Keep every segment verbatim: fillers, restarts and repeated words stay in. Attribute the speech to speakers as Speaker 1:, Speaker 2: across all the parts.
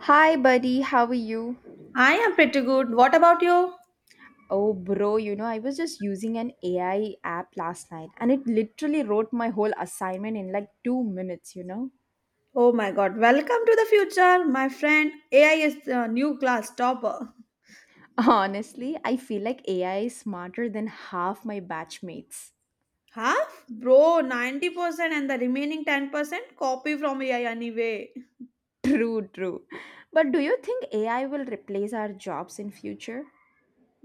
Speaker 1: Hi, buddy. How are you?
Speaker 2: I am pretty good. What about you?
Speaker 1: Oh, bro, you know, I was just using an A I app last night and it literally wrote my whole assignment in like two minutes, you know?
Speaker 2: Oh my god, welcome to the future, my friend. A I is the new class topper.
Speaker 1: Honestly, I feel like A I is smarter than half my batchmates.
Speaker 2: Half? Bro, ninety percent and the remaining ten percent copy from A I anyway.
Speaker 1: True, true. But do you think A I will replace our jobs in future?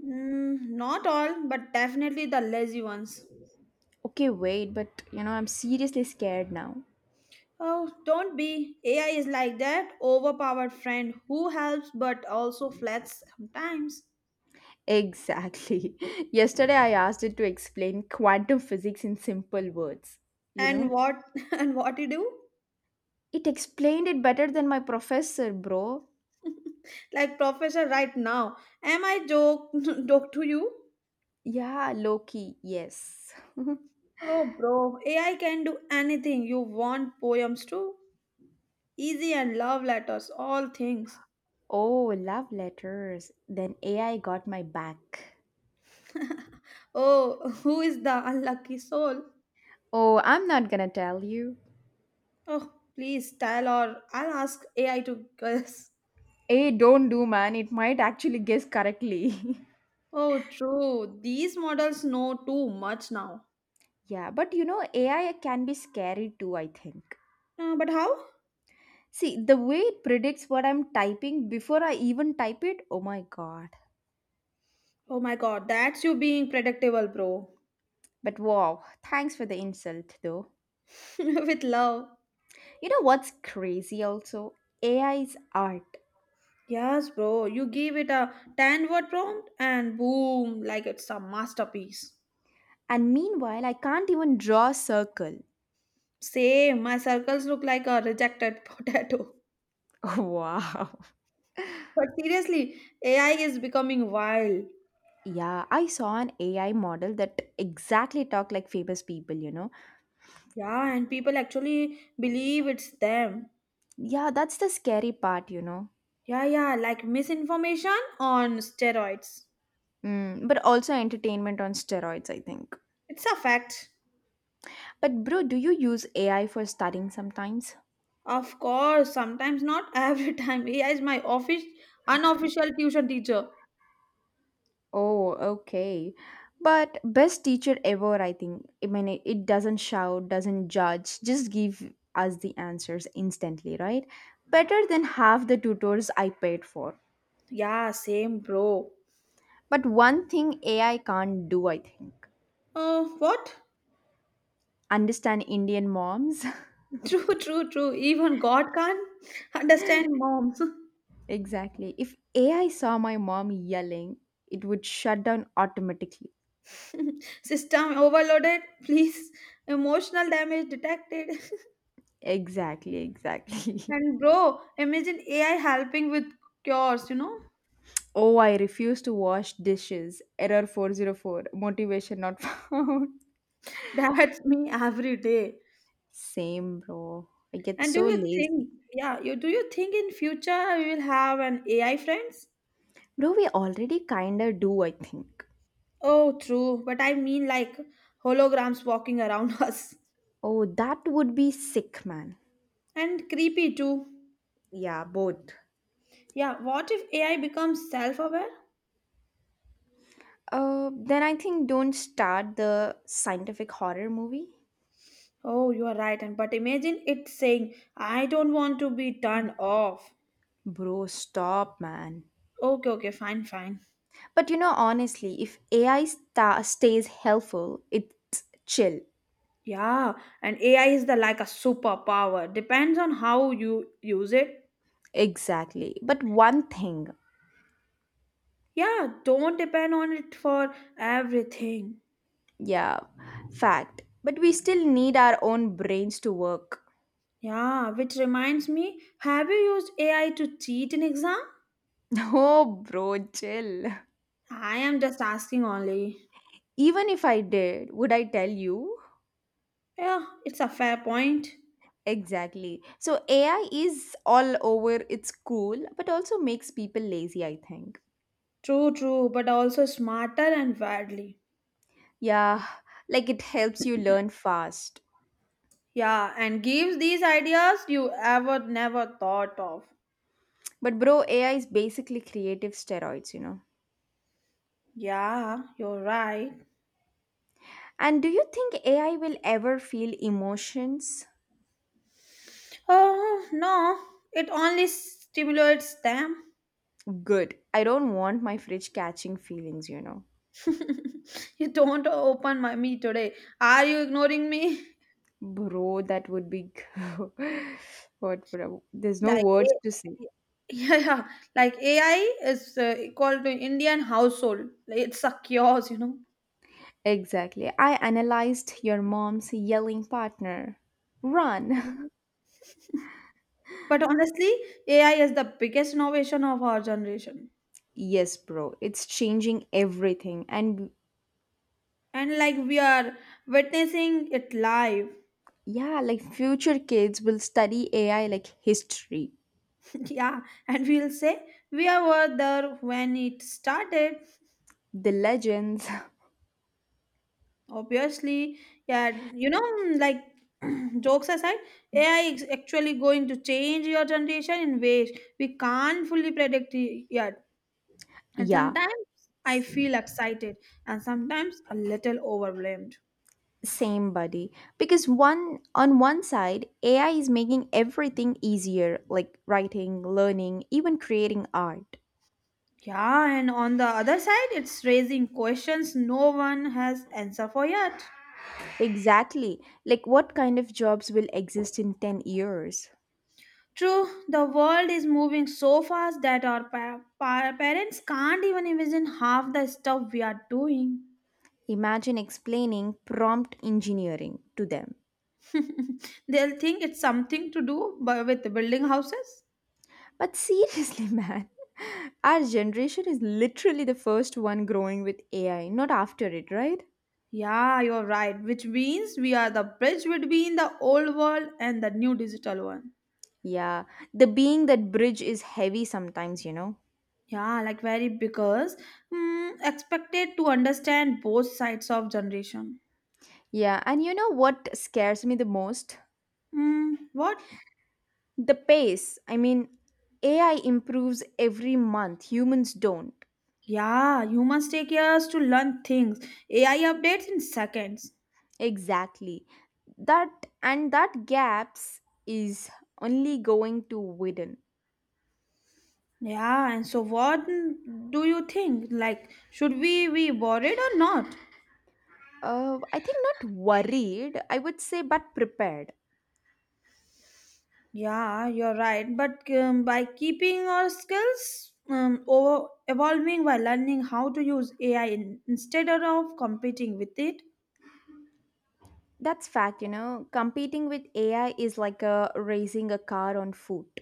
Speaker 2: Mm, not all, but definitely the lazy ones.
Speaker 1: Okay, wait, but you know, I'm seriously scared now.
Speaker 2: Oh, don't be. A I is like that overpowered friend who helps but also flats sometimes.
Speaker 1: Exactly. Yesterday I asked it to explain quantum physics in simple words, you
Speaker 2: And
Speaker 1: know?
Speaker 2: what and what you do?
Speaker 1: It explained it better than my professor, bro.
Speaker 2: Like professor right now. Am I joke joke to you?
Speaker 1: Yeah, Loki, yes.
Speaker 2: Oh, bro, A I can do anything you want poems too, easy and love letters, all things.
Speaker 1: Oh, love letters. Then A I got my back.
Speaker 2: Oh, who is the unlucky soul?
Speaker 1: Oh, I'm not gonna tell you.
Speaker 2: Oh, please tell or I'll ask A I to guess.
Speaker 1: A, don't do, man. It might actually guess correctly.
Speaker 2: Oh, true. These models know too much now.
Speaker 1: Yeah, but you know, A I can be scary too, I think.
Speaker 2: Uh, but how?
Speaker 1: See, the way it predicts what I'm typing before I even type it, oh my god.
Speaker 2: Oh my god, that's you being predictable, bro.
Speaker 1: But wow, thanks for the insult though.
Speaker 2: With love.
Speaker 1: You know what's crazy also? A I's art.
Speaker 2: Yes, bro, you give it a ten word prompt and boom, like it's a masterpiece.
Speaker 1: And meanwhile, I can't even draw a circle.
Speaker 2: Same, my circles look like a rejected potato.
Speaker 1: Wow.
Speaker 2: But seriously, A I is becoming wild.
Speaker 1: Yeah, I saw an A I model that exactly talk like famous people, you know.
Speaker 2: Yeah, and people actually believe it's them.
Speaker 1: Yeah, that's the scary part, you know.
Speaker 2: Yeah, yeah, like misinformation on steroids.
Speaker 1: Mm, but also entertainment on steroids, I think.
Speaker 2: It's a fact.
Speaker 1: But bro, do you use A I for studying sometimes?
Speaker 2: Of course, sometimes not every time. A I is my office unofficial tuition teacher.
Speaker 1: Oh, okay. But best teacher ever, I think. I mean, it, it doesn't shout, doesn't judge, just give us the answers instantly, right? Better than half the tutors I paid for.
Speaker 2: Yeah, same bro.
Speaker 1: But one thing A I can't do, I think.
Speaker 2: Oh, what?
Speaker 1: Understand Indian moms?
Speaker 2: True, true, true. Even God can't understand moms.
Speaker 1: Exactly. If A I saw my mom yelling, it would shut down automatically.
Speaker 2: System overloaded, please. Emotional damage detected.
Speaker 1: Exactly, exactly.
Speaker 2: And bro, imagine A I helping with cures, you know?
Speaker 1: Oh, I refuse to wash dishes. Error four zero four. Motivation not found.
Speaker 2: That's me every day.
Speaker 1: Same, bro. I get
Speaker 2: And do
Speaker 1: so
Speaker 2: you think,
Speaker 1: lazy.
Speaker 2: yeah, you do you think in future we will have an A I friends?
Speaker 1: Bro, we already kinda do, I think.
Speaker 2: Oh, true. But I mean like holograms walking around us.
Speaker 1: Oh, that would be sick, man.
Speaker 2: And creepy too.
Speaker 1: Yeah, both.
Speaker 2: Yeah, what if A I becomes self-aware?
Speaker 1: Uh, then I think don't start the scientific horror movie.
Speaker 2: Oh, you are right. And but imagine it saying, I don't want to be turned off.
Speaker 1: Bro, stop, man.
Speaker 2: Okay, okay, fine, fine.
Speaker 1: But you know, honestly, if A I sta stays helpful, it's chill.
Speaker 2: Yeah, and A I is the like a superpower. Depends on how you use it.
Speaker 1: Exactly. But one thing,
Speaker 2: Yeah, don't depend on it for everything.
Speaker 1: yeah, fact. But we still need our own brains to work.
Speaker 2: Yeah, which reminds me, have you used A I to cheat in exam?
Speaker 1: Oh, bro, chill.
Speaker 2: I am just asking only.
Speaker 1: Even if I did, would I tell you?
Speaker 2: Yeah, it's a fair point.
Speaker 1: Exactly. So A I is all over, it's cool, but also makes people lazy, I think.
Speaker 2: True, true, but also smarter and widely.
Speaker 1: Yeah, like it helps you learn fast.
Speaker 2: Yeah, and gives these ideas you ever never thought of.
Speaker 1: But bro, A I is basically creative steroids, you know.
Speaker 2: Yeah, you're right.
Speaker 1: And do you think A I will ever feel emotions?
Speaker 2: Oh, no, it only stimulates them.
Speaker 1: Good. I don't want my fridge catching feelings, you know.
Speaker 2: You don't open my me today. Are you ignoring me?
Speaker 1: Bro, that would be what bro. There's no
Speaker 2: Like
Speaker 1: words
Speaker 2: A-
Speaker 1: to say.
Speaker 2: yeah, yeah. Like A I is uh, equal to Indian household. Like, it's a chaos, you know.
Speaker 1: Exactly. I analyzed your mom's yelling partner. Run.
Speaker 2: Mhm. But honestly, A I is the biggest innovation of our generation.
Speaker 1: Yes, bro. It's changing everything, and
Speaker 2: And like we are witnessing it live.
Speaker 1: yeah, like future kids will study A I like history,
Speaker 2: Yeah. And we'll say we were there when it started.
Speaker 1: the legends.
Speaker 2: Obviously, yeah, you know, mm, like jokes aside, A I is actually going to change your generation in ways we can't fully predict y- yet. And
Speaker 1: Yeah,
Speaker 2: sometimes I
Speaker 1: s-
Speaker 2: feel excited and sometimes a little overwhelmed.
Speaker 1: same buddy. Because one on one side, A I is making everything easier, like writing, learning, even creating art.
Speaker 2: Yeah, and on the other side, it's raising questions no one has answer for yet.
Speaker 1: Exactly. Like what kind of jobs will exist in ten years?
Speaker 2: True, the world is moving so fast that our pa- pa- parents can't even imagine half the stuff we are doing.
Speaker 1: Imagine explaining prompt engineering to them.
Speaker 2: They'll think it's something to do bu- with building houses.
Speaker 1: But seriously, man, our generation is literally the first one growing with A I, not after it, right?
Speaker 2: Yeah, you're right, which means we are the bridge between the old world and the new digital one.
Speaker 1: Yeah, the being that bridge is heavy sometimes, you know.
Speaker 2: Yeah, like very because mm, expected to understand both sides of generation.
Speaker 1: Yeah, and you know what scares me the most?
Speaker 2: Mm, what?
Speaker 1: The pace. I mean, A I improves every month, humans don't.
Speaker 2: Yeah, humans take years to learn things. A I updates in seconds.
Speaker 1: Exactly. That, and that gaps is only going to widen.
Speaker 2: Yeah, and so what mm, do you think? Like, should we be worried or not?
Speaker 1: Uh, I think not worried, I would say, but prepared.
Speaker 2: Yeah, you're right. But um, by keeping our skills um, over evolving by learning how to use A I in, instead of competing with it.
Speaker 1: That's fact, you know. Competing with A I is like a racing a car on foot.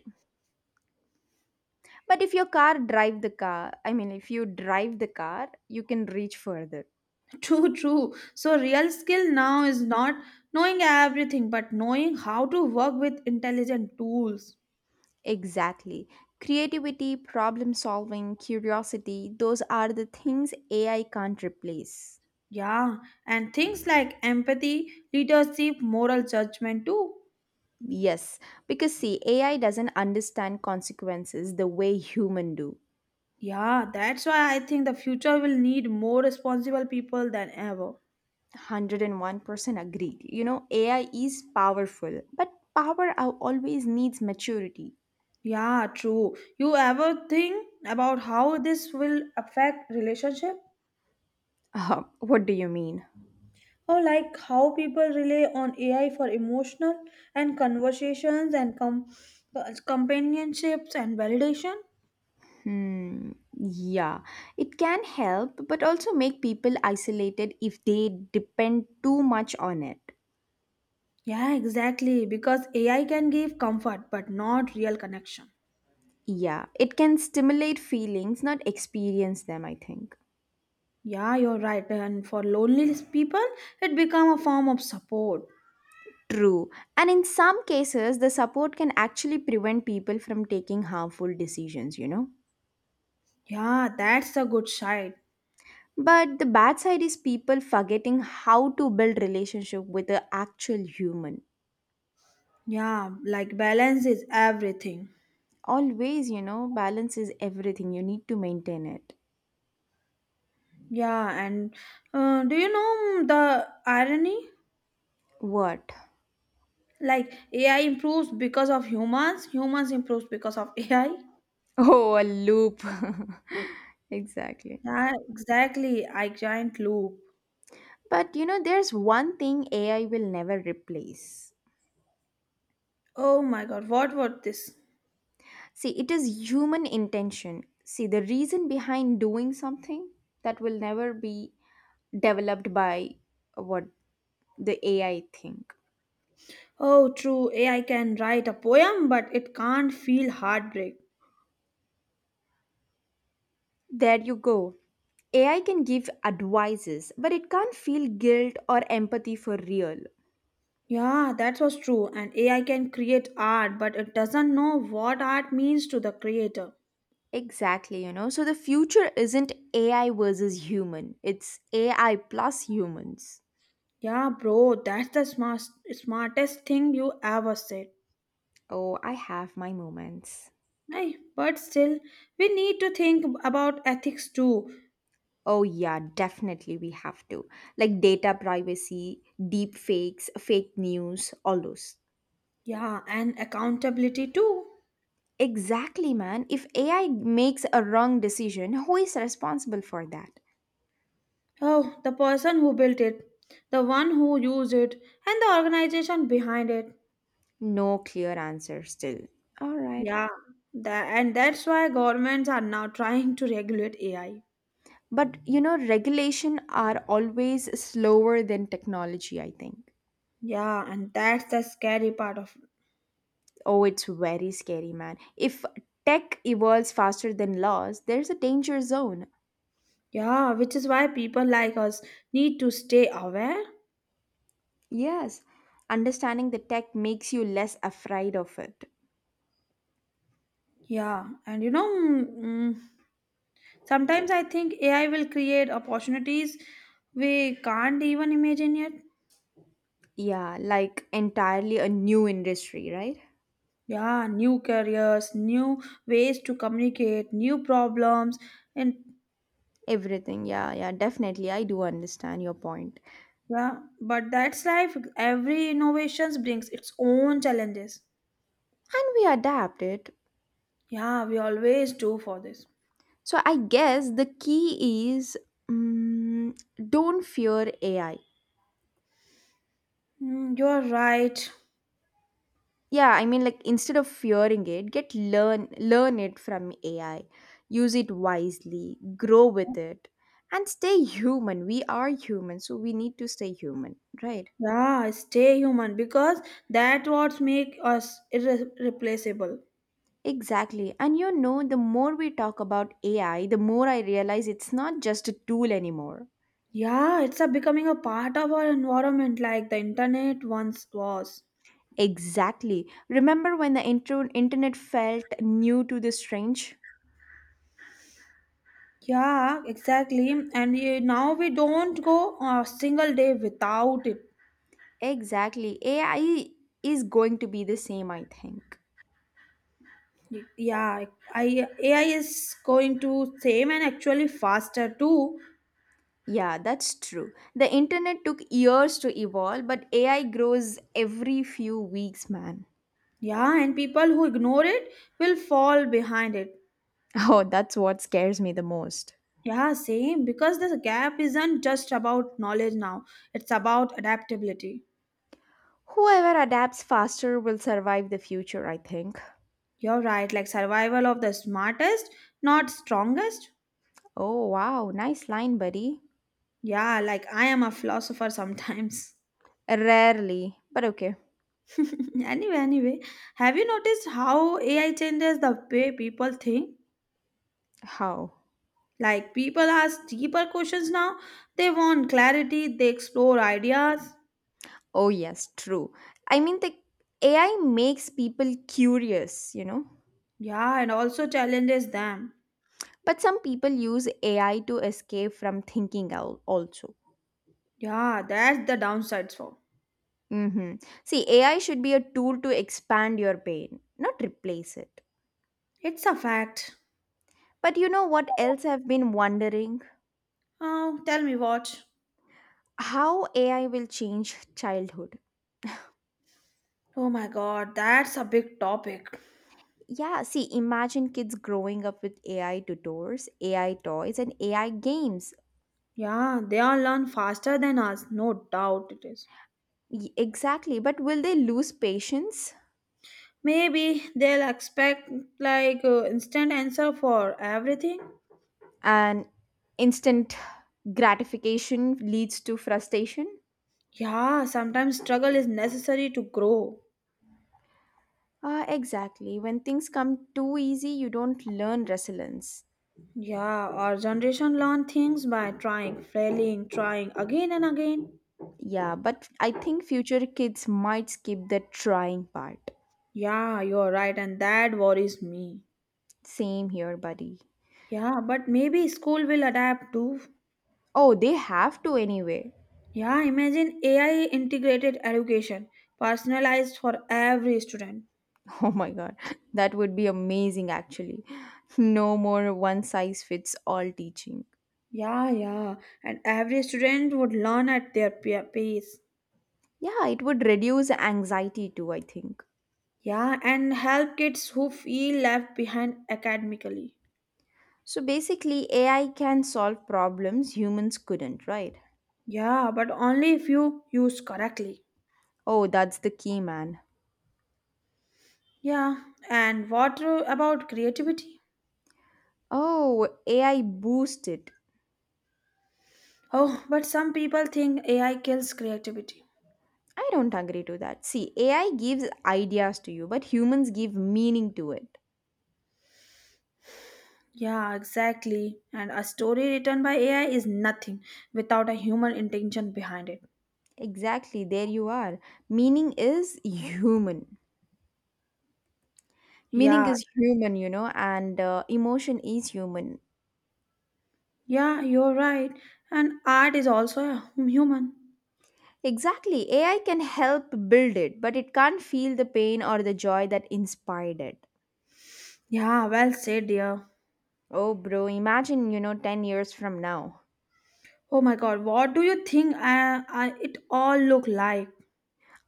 Speaker 1: But if your car drive the car, I mean if you drive the car, you can reach further.
Speaker 2: True, true. So real skill now is not knowing everything, but knowing how to work with intelligent tools.
Speaker 1: Exactly. Creativity, problem solving, curiosity, those are the things A I can't replace.
Speaker 2: Yeah, and things like empathy, leadership, moral judgment too.
Speaker 1: Yes, because see, A I doesn't understand consequences the way human do.
Speaker 2: Yeah, that's why I think the future will need more responsible people than ever.
Speaker 1: one hundred and one percent agreed. You know, A I is powerful, but power al- always needs maturity.
Speaker 2: Yeah, true. You ever think about how this will affect relationship?
Speaker 1: Uh, what do you mean?
Speaker 2: Or like how people rely on A I for emotional and conversations and com- companionships and validation?
Speaker 1: Hmm, yeah, it can help, but also make people isolated if they depend too much on it.
Speaker 2: Yeah, exactly. Because A I can give comfort but not real connection.
Speaker 1: Yeah, it can stimulate feelings, not experience them, I think.
Speaker 2: Yeah, you're right. And for lonely people, it become a form of support.
Speaker 1: True. And in some cases, the support can actually prevent people from taking harmful decisions, you know?
Speaker 2: Yeah, that's a good side.
Speaker 1: But the bad side is people forgetting how to build relationship with the actual human.
Speaker 2: Yeah, like balance is everything.
Speaker 1: Always, you know, balance is everything. You need to maintain it.
Speaker 2: Yeah, and uh, do you know the irony?
Speaker 1: What?
Speaker 2: Like A I improves because of humans, humans improves because of A I.
Speaker 1: Oh, a loop. Exactly.
Speaker 2: Yeah, exactly. I giant loop.
Speaker 1: But you know, there's one thing A I will never replace.
Speaker 2: Oh my god, what was this?
Speaker 1: See, it is human intention. See, the reason behind doing something that will never be developed by what the A I think.
Speaker 2: Oh, true. A I can write a poem, but it can't feel heartbreak.
Speaker 1: There you go. A I can give advices, but it can't feel guilt or empathy for real.
Speaker 2: Yeah, that was true. And A I can create art, but it doesn't know what art means to the creator.
Speaker 1: Exactly, you know. So the future isn't A I versus human, it's A I plus humans.
Speaker 2: Yeah, bro, that's the smart, smartest thing you ever said.
Speaker 1: Oh, I have my moments.
Speaker 2: Aye, but still, we need to think about ethics too.
Speaker 1: Oh, yeah, definitely we have to. Like data privacy, deep fakes, fake news, all those.
Speaker 2: Yeah, and accountability too.
Speaker 1: Exactly, man. If A I makes a wrong decision, who is responsible for that?
Speaker 2: Oh, the person who built it, the one who used it, and the organization behind it.
Speaker 1: No clear answer still. All right.
Speaker 2: Yeah, that, and that's why governments are now trying to regulate A I.
Speaker 1: But you know, regulation are always slower than technology, I think.
Speaker 2: Yeah, and that's the scary part of,
Speaker 1: Oh, it's very scary, man. If tech evolves faster than laws, there's a danger zone.
Speaker 2: yeah, which is why people like us need to stay aware.
Speaker 1: Yes, understanding the tech makes you less afraid of it.
Speaker 2: Yeah, and you know, mm, sometimes I think A I will create opportunities we can't even imagine yet.
Speaker 1: Yeah, like entirely a new industry, right?
Speaker 2: Yeah, new careers, new ways to communicate, new problems, and
Speaker 1: Everything. Yeah, yeah, definitely. I do understand your point.
Speaker 2: yeah, but that's life. Every innovations brings its own challenges.
Speaker 1: And we adapt it.
Speaker 2: Yeah, we always do for this.
Speaker 1: So I guess the key is mm don't fear A I.
Speaker 2: Mm, you're right.
Speaker 1: Yeah, I mean like instead of fearing it, get learn learn it from A I. Use it wisely, grow with it and stay human. We are human, so we need to stay human, right?
Speaker 2: Yeah, stay human because that what make us irreplaceable.
Speaker 1: Exactly. And you know, the more we talk about A I, the more I realize it's not just a tool anymore.
Speaker 2: Yeah, it's a becoming a part of our environment like the internet once was.
Speaker 1: Exactly. Remember when the intro- internet felt new to the strange?
Speaker 2: Yeah, exactly. And you, now we don't go a single day without it.
Speaker 1: Exactly. A I is going to be the same, I think.
Speaker 2: Yeah, I, A I is going to same and actually faster too.
Speaker 1: Yeah, that's true. The internet took years to evolve, but A I grows every few weeks, man.
Speaker 2: Yeah, and people who ignore it will fall behind it.
Speaker 1: Oh, that's what scares me the most.
Speaker 2: Yeah, same because this gap isn't just about knowledge now, it's about adaptability.
Speaker 1: Whoever adapts faster will survive the future, I think.
Speaker 2: You're right, like survival of the smartest, not strongest.
Speaker 1: Oh, wow. Nice line, buddy.
Speaker 2: Yeah, like I am a philosopher sometimes.
Speaker 1: Rarely, but okay.
Speaker 2: anyway, anyway, have you noticed how A I changes the way people think?
Speaker 1: How?
Speaker 2: Like people ask deeper questions now. They want clarity, they explore ideas.
Speaker 1: Oh, yes, true. I mean, the A I makes people curious, you know?
Speaker 2: Yeah, and also challenges them.
Speaker 1: But some people use A I to escape from thinking al- also.
Speaker 2: Yeah, that's the downsides for.
Speaker 1: Mm-hmm. See, A I should be a tool to expand your brain, not replace it.
Speaker 2: It's a fact.
Speaker 1: But you know what else I've been wondering?
Speaker 2: Oh, tell me what.
Speaker 1: How A I will change childhood.
Speaker 2: Oh my god, that's a big topic.
Speaker 1: Yeah, see, imagine kids growing up with A I tutors, A I toys, and A I games.
Speaker 2: Yeah, they all learn faster than us, no doubt it is.
Speaker 1: Y- Exactly. But will they lose patience?
Speaker 2: Maybe they'll expect like uh, instant answer for everything.
Speaker 1: And instant gratification leads to frustration?
Speaker 2: Yeah, sometimes struggle is necessary to grow.
Speaker 1: Uh, exactly. When things come too easy, you don't learn resilience.
Speaker 2: Yeah, our generation learn things by trying, failing, trying again and again.
Speaker 1: Yeah, but I think future kids might skip the trying part.
Speaker 2: Yeah, you're right, and that worries me.
Speaker 1: Same here, buddy.
Speaker 2: Yeah, but maybe school will adapt too.
Speaker 1: Oh, they have to anyway.
Speaker 2: Yeah, imagine A I integrated education, personalized for every student.
Speaker 1: Oh my god, that would be amazing actually. No more one size fits all teaching.
Speaker 2: Yeah, yeah, and every student would learn at their pe- pace.
Speaker 1: Yeah, it would reduce anxiety too, I think.
Speaker 2: Yeah, and help kids who feel left behind academically.
Speaker 1: So basically, A I can solve problems humans couldn't, right?
Speaker 2: Yeah, but only if you use correctly.
Speaker 1: Oh, that's the key, man.
Speaker 2: Yeah, and what uh, about creativity?
Speaker 1: Oh, A I boost it.
Speaker 2: Oh, but some people think A I kills creativity.
Speaker 1: I don't agree to that. See, A I gives ideas to you, but humans give meaning to it.
Speaker 2: Yeah, exactly. And a story written by A I is nothing without a human intention behind it.
Speaker 1: Exactly, there you are. Meaning is human. Meaning
Speaker 2: Yeah,
Speaker 1: is human, you know, and uh, emotion is human.
Speaker 2: yeah, you're right. And art is also a hum- human.
Speaker 1: Exactly, A I can help build it, but it can't feel the pain or the joy that inspired it.
Speaker 2: Yeah, well said, dear.
Speaker 1: Oh, bro, imagine, you know, ten years from now.
Speaker 2: Oh my God, what do you think I, I, it all look like?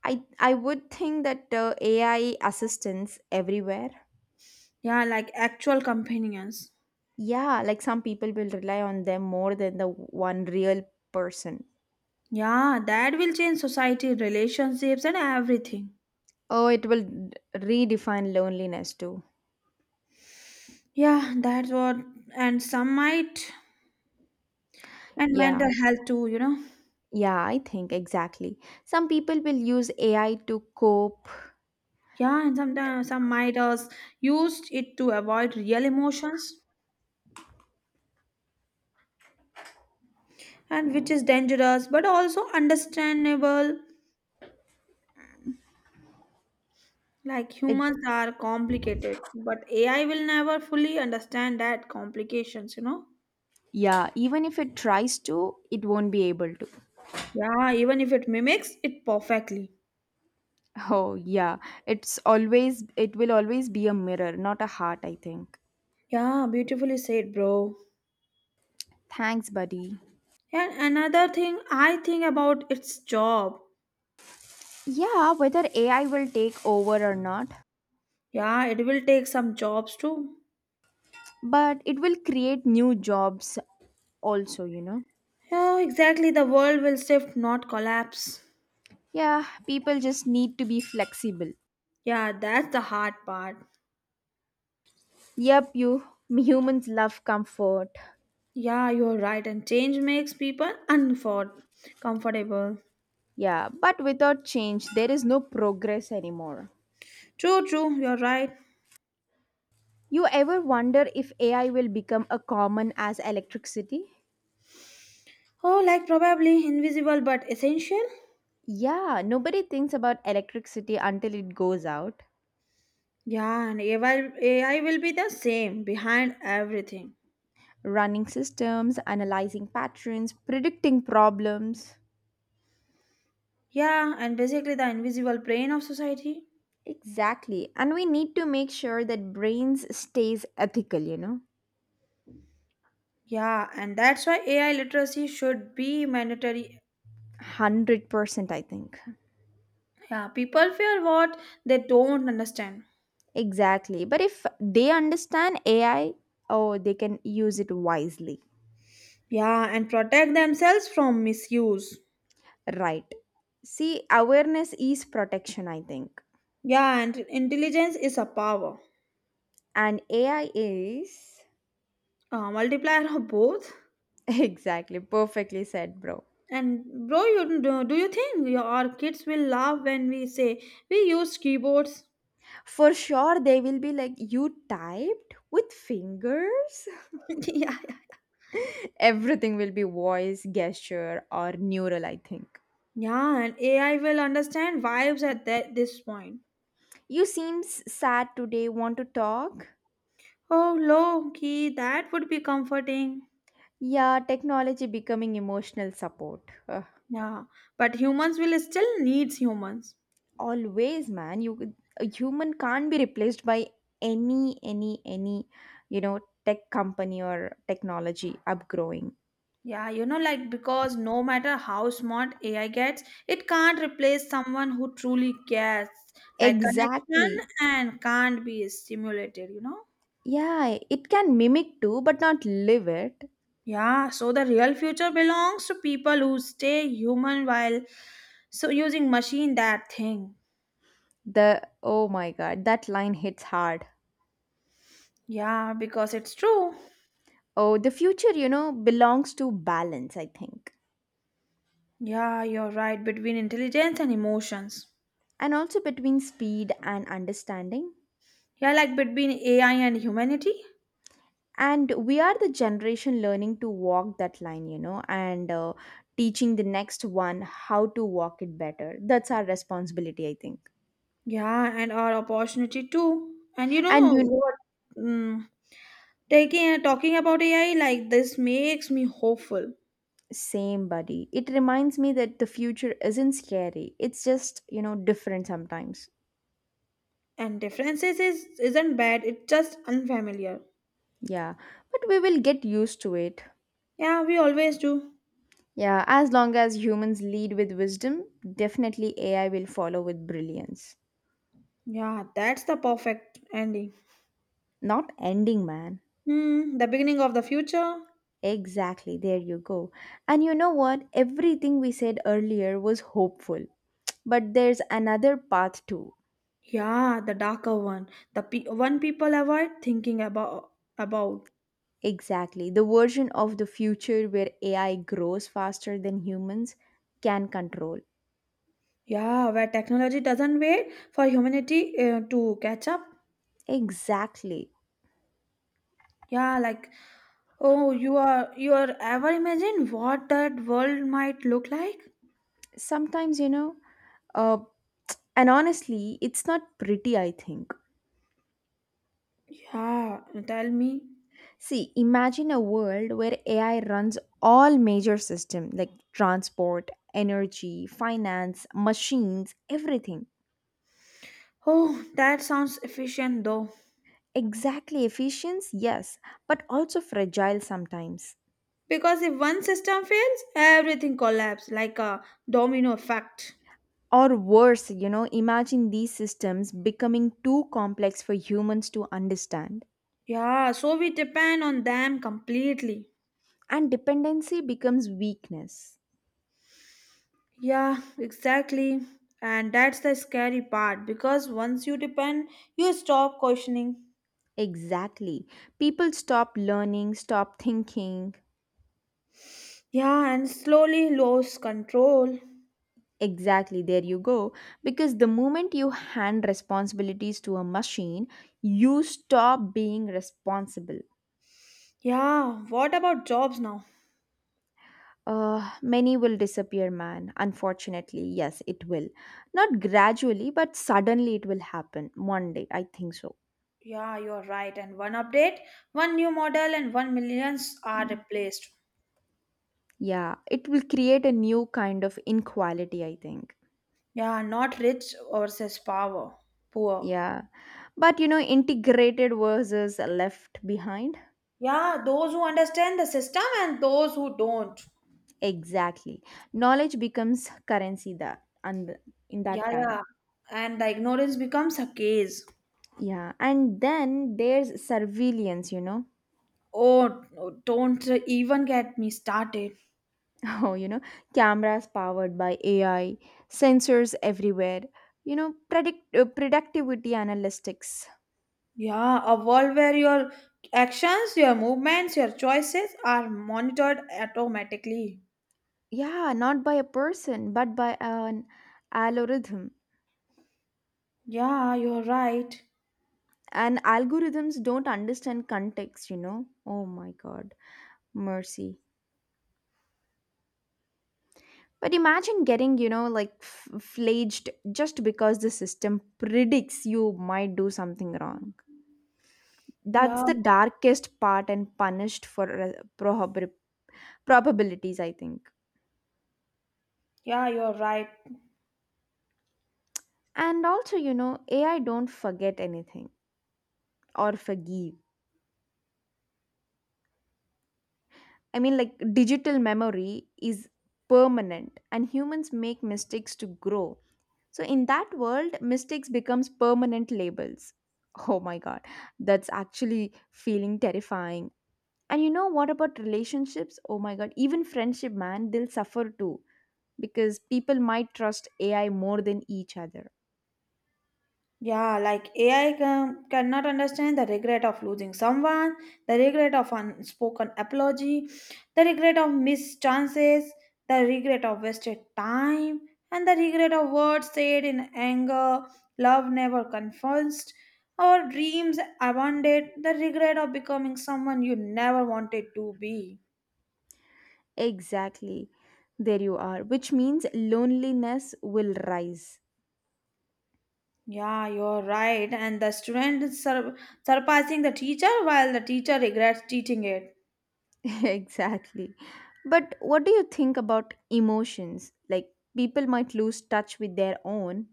Speaker 1: I I would think that uh, A I assistants everywhere.
Speaker 2: Yeah, like actual companions.
Speaker 1: Yeah, like some people will rely on them more than the one real person.
Speaker 2: Yeah, that will change society, relationships, and everything.
Speaker 1: Oh, it will d- redefine loneliness too.
Speaker 2: Yeah, that's what, and some might, and
Speaker 1: Yeah.
Speaker 2: mental health too, you know.
Speaker 1: Yeah, I think exactly. Some people will use A I to cope.
Speaker 2: Yeah, and sometimes some might us used it to avoid real emotions, and which is dangerous, but also understandable. Like
Speaker 1: It,
Speaker 2: humans are complicated, but A I will never fully understand that complications, you know.
Speaker 1: yeah, even if it tries to, it won't be able to.
Speaker 2: Yeah, even if it mimics it perfectly.
Speaker 1: Oh, yeah. It's always it will always be a mirror, not a heart, I think.
Speaker 2: Yeah, beautifully said, bro.
Speaker 1: Thanks, buddy.
Speaker 2: Yeah, another thing I think about its job.
Speaker 1: Yeah, whether A I will take over or not,
Speaker 2: Yeah, it will take some jobs too.
Speaker 1: but it will create new jobs also, you know.
Speaker 2: Yeah, exactly. The world will shift, not collapse.
Speaker 1: Yeah, people just need to be flexible.
Speaker 2: Yeah, that's the hard part.
Speaker 1: Yep, you humans love comfort.
Speaker 2: Yeah, you're right. And change makes people unfor- comfortable.
Speaker 1: Yeah, but without change, there is no progress anymore.
Speaker 2: True, true. You're right.
Speaker 1: You ever wonder if A I will become a common as electricity?
Speaker 2: Oh, like probably invisible but essential.
Speaker 1: Yeah, nobody thinks about electricity until it goes out.
Speaker 2: Yeah, and A I, A I will be the same behind everything.
Speaker 1: Running systems, analyzing patterns, predicting problems.
Speaker 2: Yeah, and basically the invisible brain of society.
Speaker 1: Exactly. And we need to make sure that brains stays ethical, you know.
Speaker 2: Yeah, and that's why A I literacy should be mandatory.
Speaker 1: one hundred percent I think.
Speaker 2: Yeah, people fear what they don't understand.
Speaker 1: Exactly. But if they understand A I, oh, they can use it wisely.
Speaker 2: Yeah, and protect themselves from misuse.
Speaker 1: Right. See, awareness is protection, I think.
Speaker 2: Yeah, and intelligence is a power,
Speaker 1: And A I is
Speaker 2: a multiplier of both.
Speaker 1: exactly perfectly said, bro.
Speaker 2: And bro, you do, do you think your our kids will laugh when we say we use keyboards?
Speaker 1: For sure they will be like you typed with fingers.
Speaker 2: Yeah, yeah,
Speaker 1: Everything will be voice, gesture or neural, I think.
Speaker 2: yeah. And A I will understand vibes at that this point.
Speaker 1: You seem s- sad today. Want to talk?
Speaker 2: Oh, low key, that would be comforting.
Speaker 1: Yeah, technology becoming emotional support. Ugh.
Speaker 2: Yeah, but humans will still needs humans.
Speaker 1: Always, man. You a human can't be replaced by any any any you know tech company or technology upgrowing.
Speaker 2: Yeah, you know, like because no matter how smart A I gets, it can't replace someone who truly cares, like connection
Speaker 1: Exactly.
Speaker 2: and can't be stimulated, you know?
Speaker 1: Yeah, it can mimic too, but not live it.
Speaker 2: Yeah, so the real future belongs to people who stay human while so using machine that thing.
Speaker 1: The oh my god, that line hits hard.
Speaker 2: Yeah, because it's true.
Speaker 1: Oh, the future, you know, belongs to balance, I think.
Speaker 2: Yeah, you're right, between intelligence and emotions.
Speaker 1: And also between speed and understanding.
Speaker 2: Yeah, like between A I and humanity.
Speaker 1: And we are the generation learning to walk that line you know and uh, Teaching the next one how to walk it better, that's our responsibility, I think.
Speaker 2: Yeah, and our opportunity too. And you
Speaker 1: And
Speaker 2: know
Speaker 1: you
Speaker 2: what? Mm, taking talking about A I like this makes me hopeful.
Speaker 1: same, buddy. It reminds me that the future isn't scary, it's just, you know, different sometimes.
Speaker 2: And differences is isn't bad. It's just unfamiliar.
Speaker 1: Yeah, but we will get used to it.
Speaker 2: Yeah, we always do.
Speaker 1: Yeah, as long as humans lead with wisdom, definitely AI will follow with brilliance.
Speaker 2: Yeah, that's the perfect ending.
Speaker 1: Not ending, man.
Speaker 2: Hmm, the beginning of the future.
Speaker 1: Exactly, there you go. And you know what? Everything we said earlier was hopeful. But there's another path too.
Speaker 2: Yeah, the darker one, the pe- one people avoid thinking about. About,
Speaker 1: Exactly. The version of the future where A I grows faster than humans can control.
Speaker 2: yeah, where technology doesn't wait for humanity uh, to catch up.
Speaker 1: Exactly.
Speaker 2: Yeah, like oh, you are you are ever imagine what that world might look like?
Speaker 1: Sometimes, you know, uh, and honestly, it's not pretty, I think.
Speaker 2: Yeah, tell me.
Speaker 1: See, imagine a world where A I runs all major systems like transport, energy, finance, machines, everything.
Speaker 2: Oh, that sounds efficient though.
Speaker 1: Exactly, efficient yes, but also fragile sometimes.
Speaker 2: Because if one system fails, everything collapses like a domino effect.
Speaker 1: Or worse, you know, imagine these systems becoming too complex for humans to understand,
Speaker 2: Yeah, so we depend on them completely.
Speaker 1: and dependency becomes weakness.
Speaker 2: Yeah, exactly. And that's the scary part because once you depend, you stop questioning.
Speaker 1: Exactly. People stop learning, stop thinking.
Speaker 2: Yeah, and slowly lose control.
Speaker 1: Exactly, there you go. Because the moment you hand responsibilities to a machine, you stop being responsible.
Speaker 2: Yeah, what about jobs now?
Speaker 1: Uh, many will disappear, man. Unfortunately, yes, it will. Not gradually, but suddenly it will happen one day. I think so.
Speaker 2: Yeah, you're right. And one update, one new model, and one millions are
Speaker 1: Mm.
Speaker 2: replaced.
Speaker 1: Yeah, it will create a new kind of inequality, I think.
Speaker 2: Yeah, not rich versus power, poor.
Speaker 1: Yeah. But you know, integrated versus left behind.
Speaker 2: Yeah, those who understand the system and those who don't.
Speaker 1: Exactly. Knowledge becomes currency that and in
Speaker 2: Yeah,
Speaker 1: that time.
Speaker 2: yeah. And the ignorance becomes a case.
Speaker 1: Yeah. And then there's surveillance, you know.
Speaker 2: Oh, don't even get me started.
Speaker 1: Oh, you know, cameras powered by A I, sensors everywhere, you know, predict uh, productivity analytics.
Speaker 2: Yeah, a world where your actions, your movements, your choices are monitored automatically.
Speaker 1: Yeah, not by a person, but by an algorithm.
Speaker 2: Yeah, you're right.
Speaker 1: And algorithms don't understand context, you know. Oh my god, mercy. But imagine getting, you know, like f- flaged just because the system predicts you might do something wrong. That's
Speaker 2: Yeah,
Speaker 1: the darkest part, and punished for uh, probab- probabilities, I think.
Speaker 2: yeah, you're right.
Speaker 1: And also, you know, A I don't forget anything or forgive. I mean, like digital memory is permanent and humans make mistakes to grow. So in that world, mistakes becomes permanent labels. Oh my god, that's actually feeling terrifying. And you know what about relationships? Oh my god, even friendship, man, they'll suffer too because people might trust A I more than each other.
Speaker 2: Yeah, like A I can, cannot understand the regret of losing someone, the regret of unspoken apology, the regret of missed chances, the regret of wasted time, and the regret of words said in anger, love never confessed, or dreams abandoned, the regret of becoming someone you never wanted to be.
Speaker 1: Exactly. There you are, which means loneliness will rise.
Speaker 2: Yeah, you're right. And the student is sur- surpassing the teacher while the teacher regrets teaching it.
Speaker 1: Exactly. But what do you think about emotions? Like people might lose touch with their own.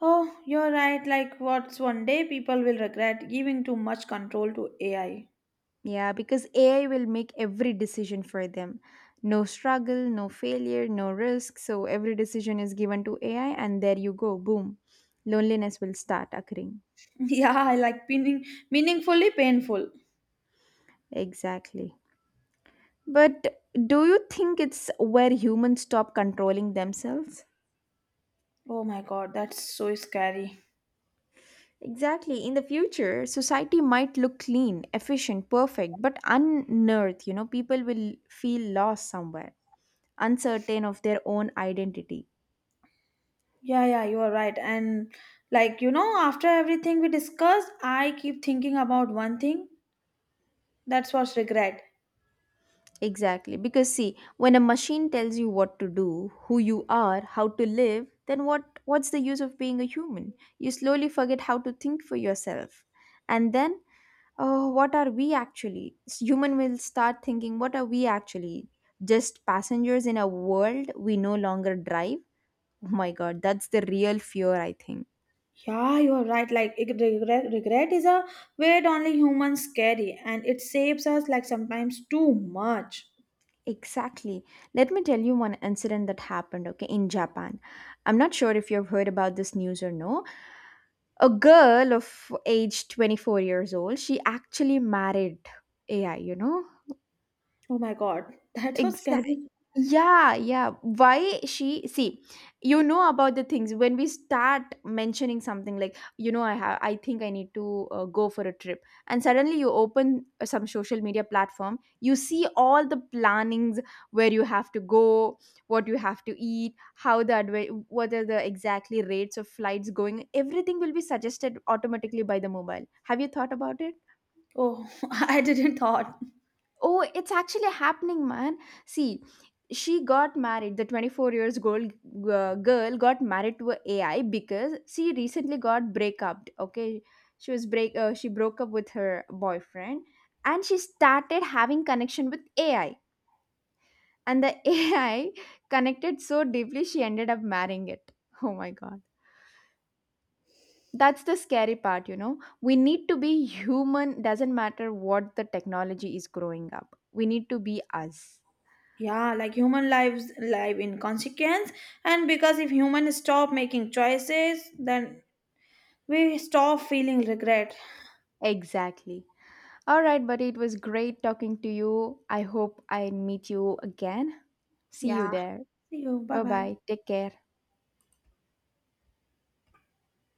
Speaker 2: Oh, you're right. Like, what's one day people will regret giving too much control to A I?
Speaker 1: Yeah, because A I will make every decision for them. No struggle, no failure, no risk. So every decision is given to A I, and there you go. Boom. Loneliness will start occurring.
Speaker 2: Yeah, like meaning, meaningfully painful.
Speaker 1: Exactly. But do you think it's where humans stop controlling themselves?
Speaker 2: Oh my god, that's so scary.
Speaker 1: Exactly. In the future, society might look clean, efficient, perfect, but unearthed, you know, people will feel lost somewhere, uncertain of their own identity.
Speaker 2: Yeah, yeah, you are right. And like, you know, after everything we discussed, I keep thinking about one thing. That's what's regret.
Speaker 1: Exactly. Because see, when a machine tells you what to do, who you are, how to live, then what what's the use of being a human? You slowly forget how to think for yourself. And then, oh, what are we actually? S- Human will start thinking, what are we actually? Just passengers in a world we no longer drive? Oh my god, that's the real fear, I think.
Speaker 2: Yeah, you are right. Like, it- regret, regret is a weight only humans carry, and it saves us like sometimes too much.
Speaker 1: Exactly. Let me tell you one incident that happened, okay, in Japan. I'm not sure if you've heard about this news or no. A girl of age twenty-four years old, she actually married A I, you know?
Speaker 2: Oh my god, that was
Speaker 1: Exactly.
Speaker 2: scary.
Speaker 1: Yeah, yeah. Why she see, you know about the things when we start mentioning something like, you know, I have I think I need to uh, go for a trip. And suddenly you open uh, some social media platform, you see all the plannings where you have to go, what you have to eat, how the adve- what are the exactly rates of flights going. Everything will be suggested automatically by the mobile. Have you thought about it?
Speaker 2: Oh, I didn't thought.
Speaker 1: Oh, it's actually happening, man. See, she got married. The twenty-four years old uh, girl got married to a AI because she recently got break up. Okay, she was break. Uh, she broke up with her boyfriend, and she started having connection with A I. And the A I connected so deeply, she ended up marrying it. Oh my god. That's the scary part, you know. We need to be human, doesn't matter what the technology is growing up. We need to be us.
Speaker 2: Yeah, like human lives live in consequence, and because if humans stop making choices, then we stop feeling regret.
Speaker 1: Exactly. All right, buddy, it was great talking to you. I hope I meet you again. See you
Speaker 2: Yeah.
Speaker 1: there.
Speaker 2: See you. Bye
Speaker 1: Bye
Speaker 2: bye.
Speaker 1: bye. Take care.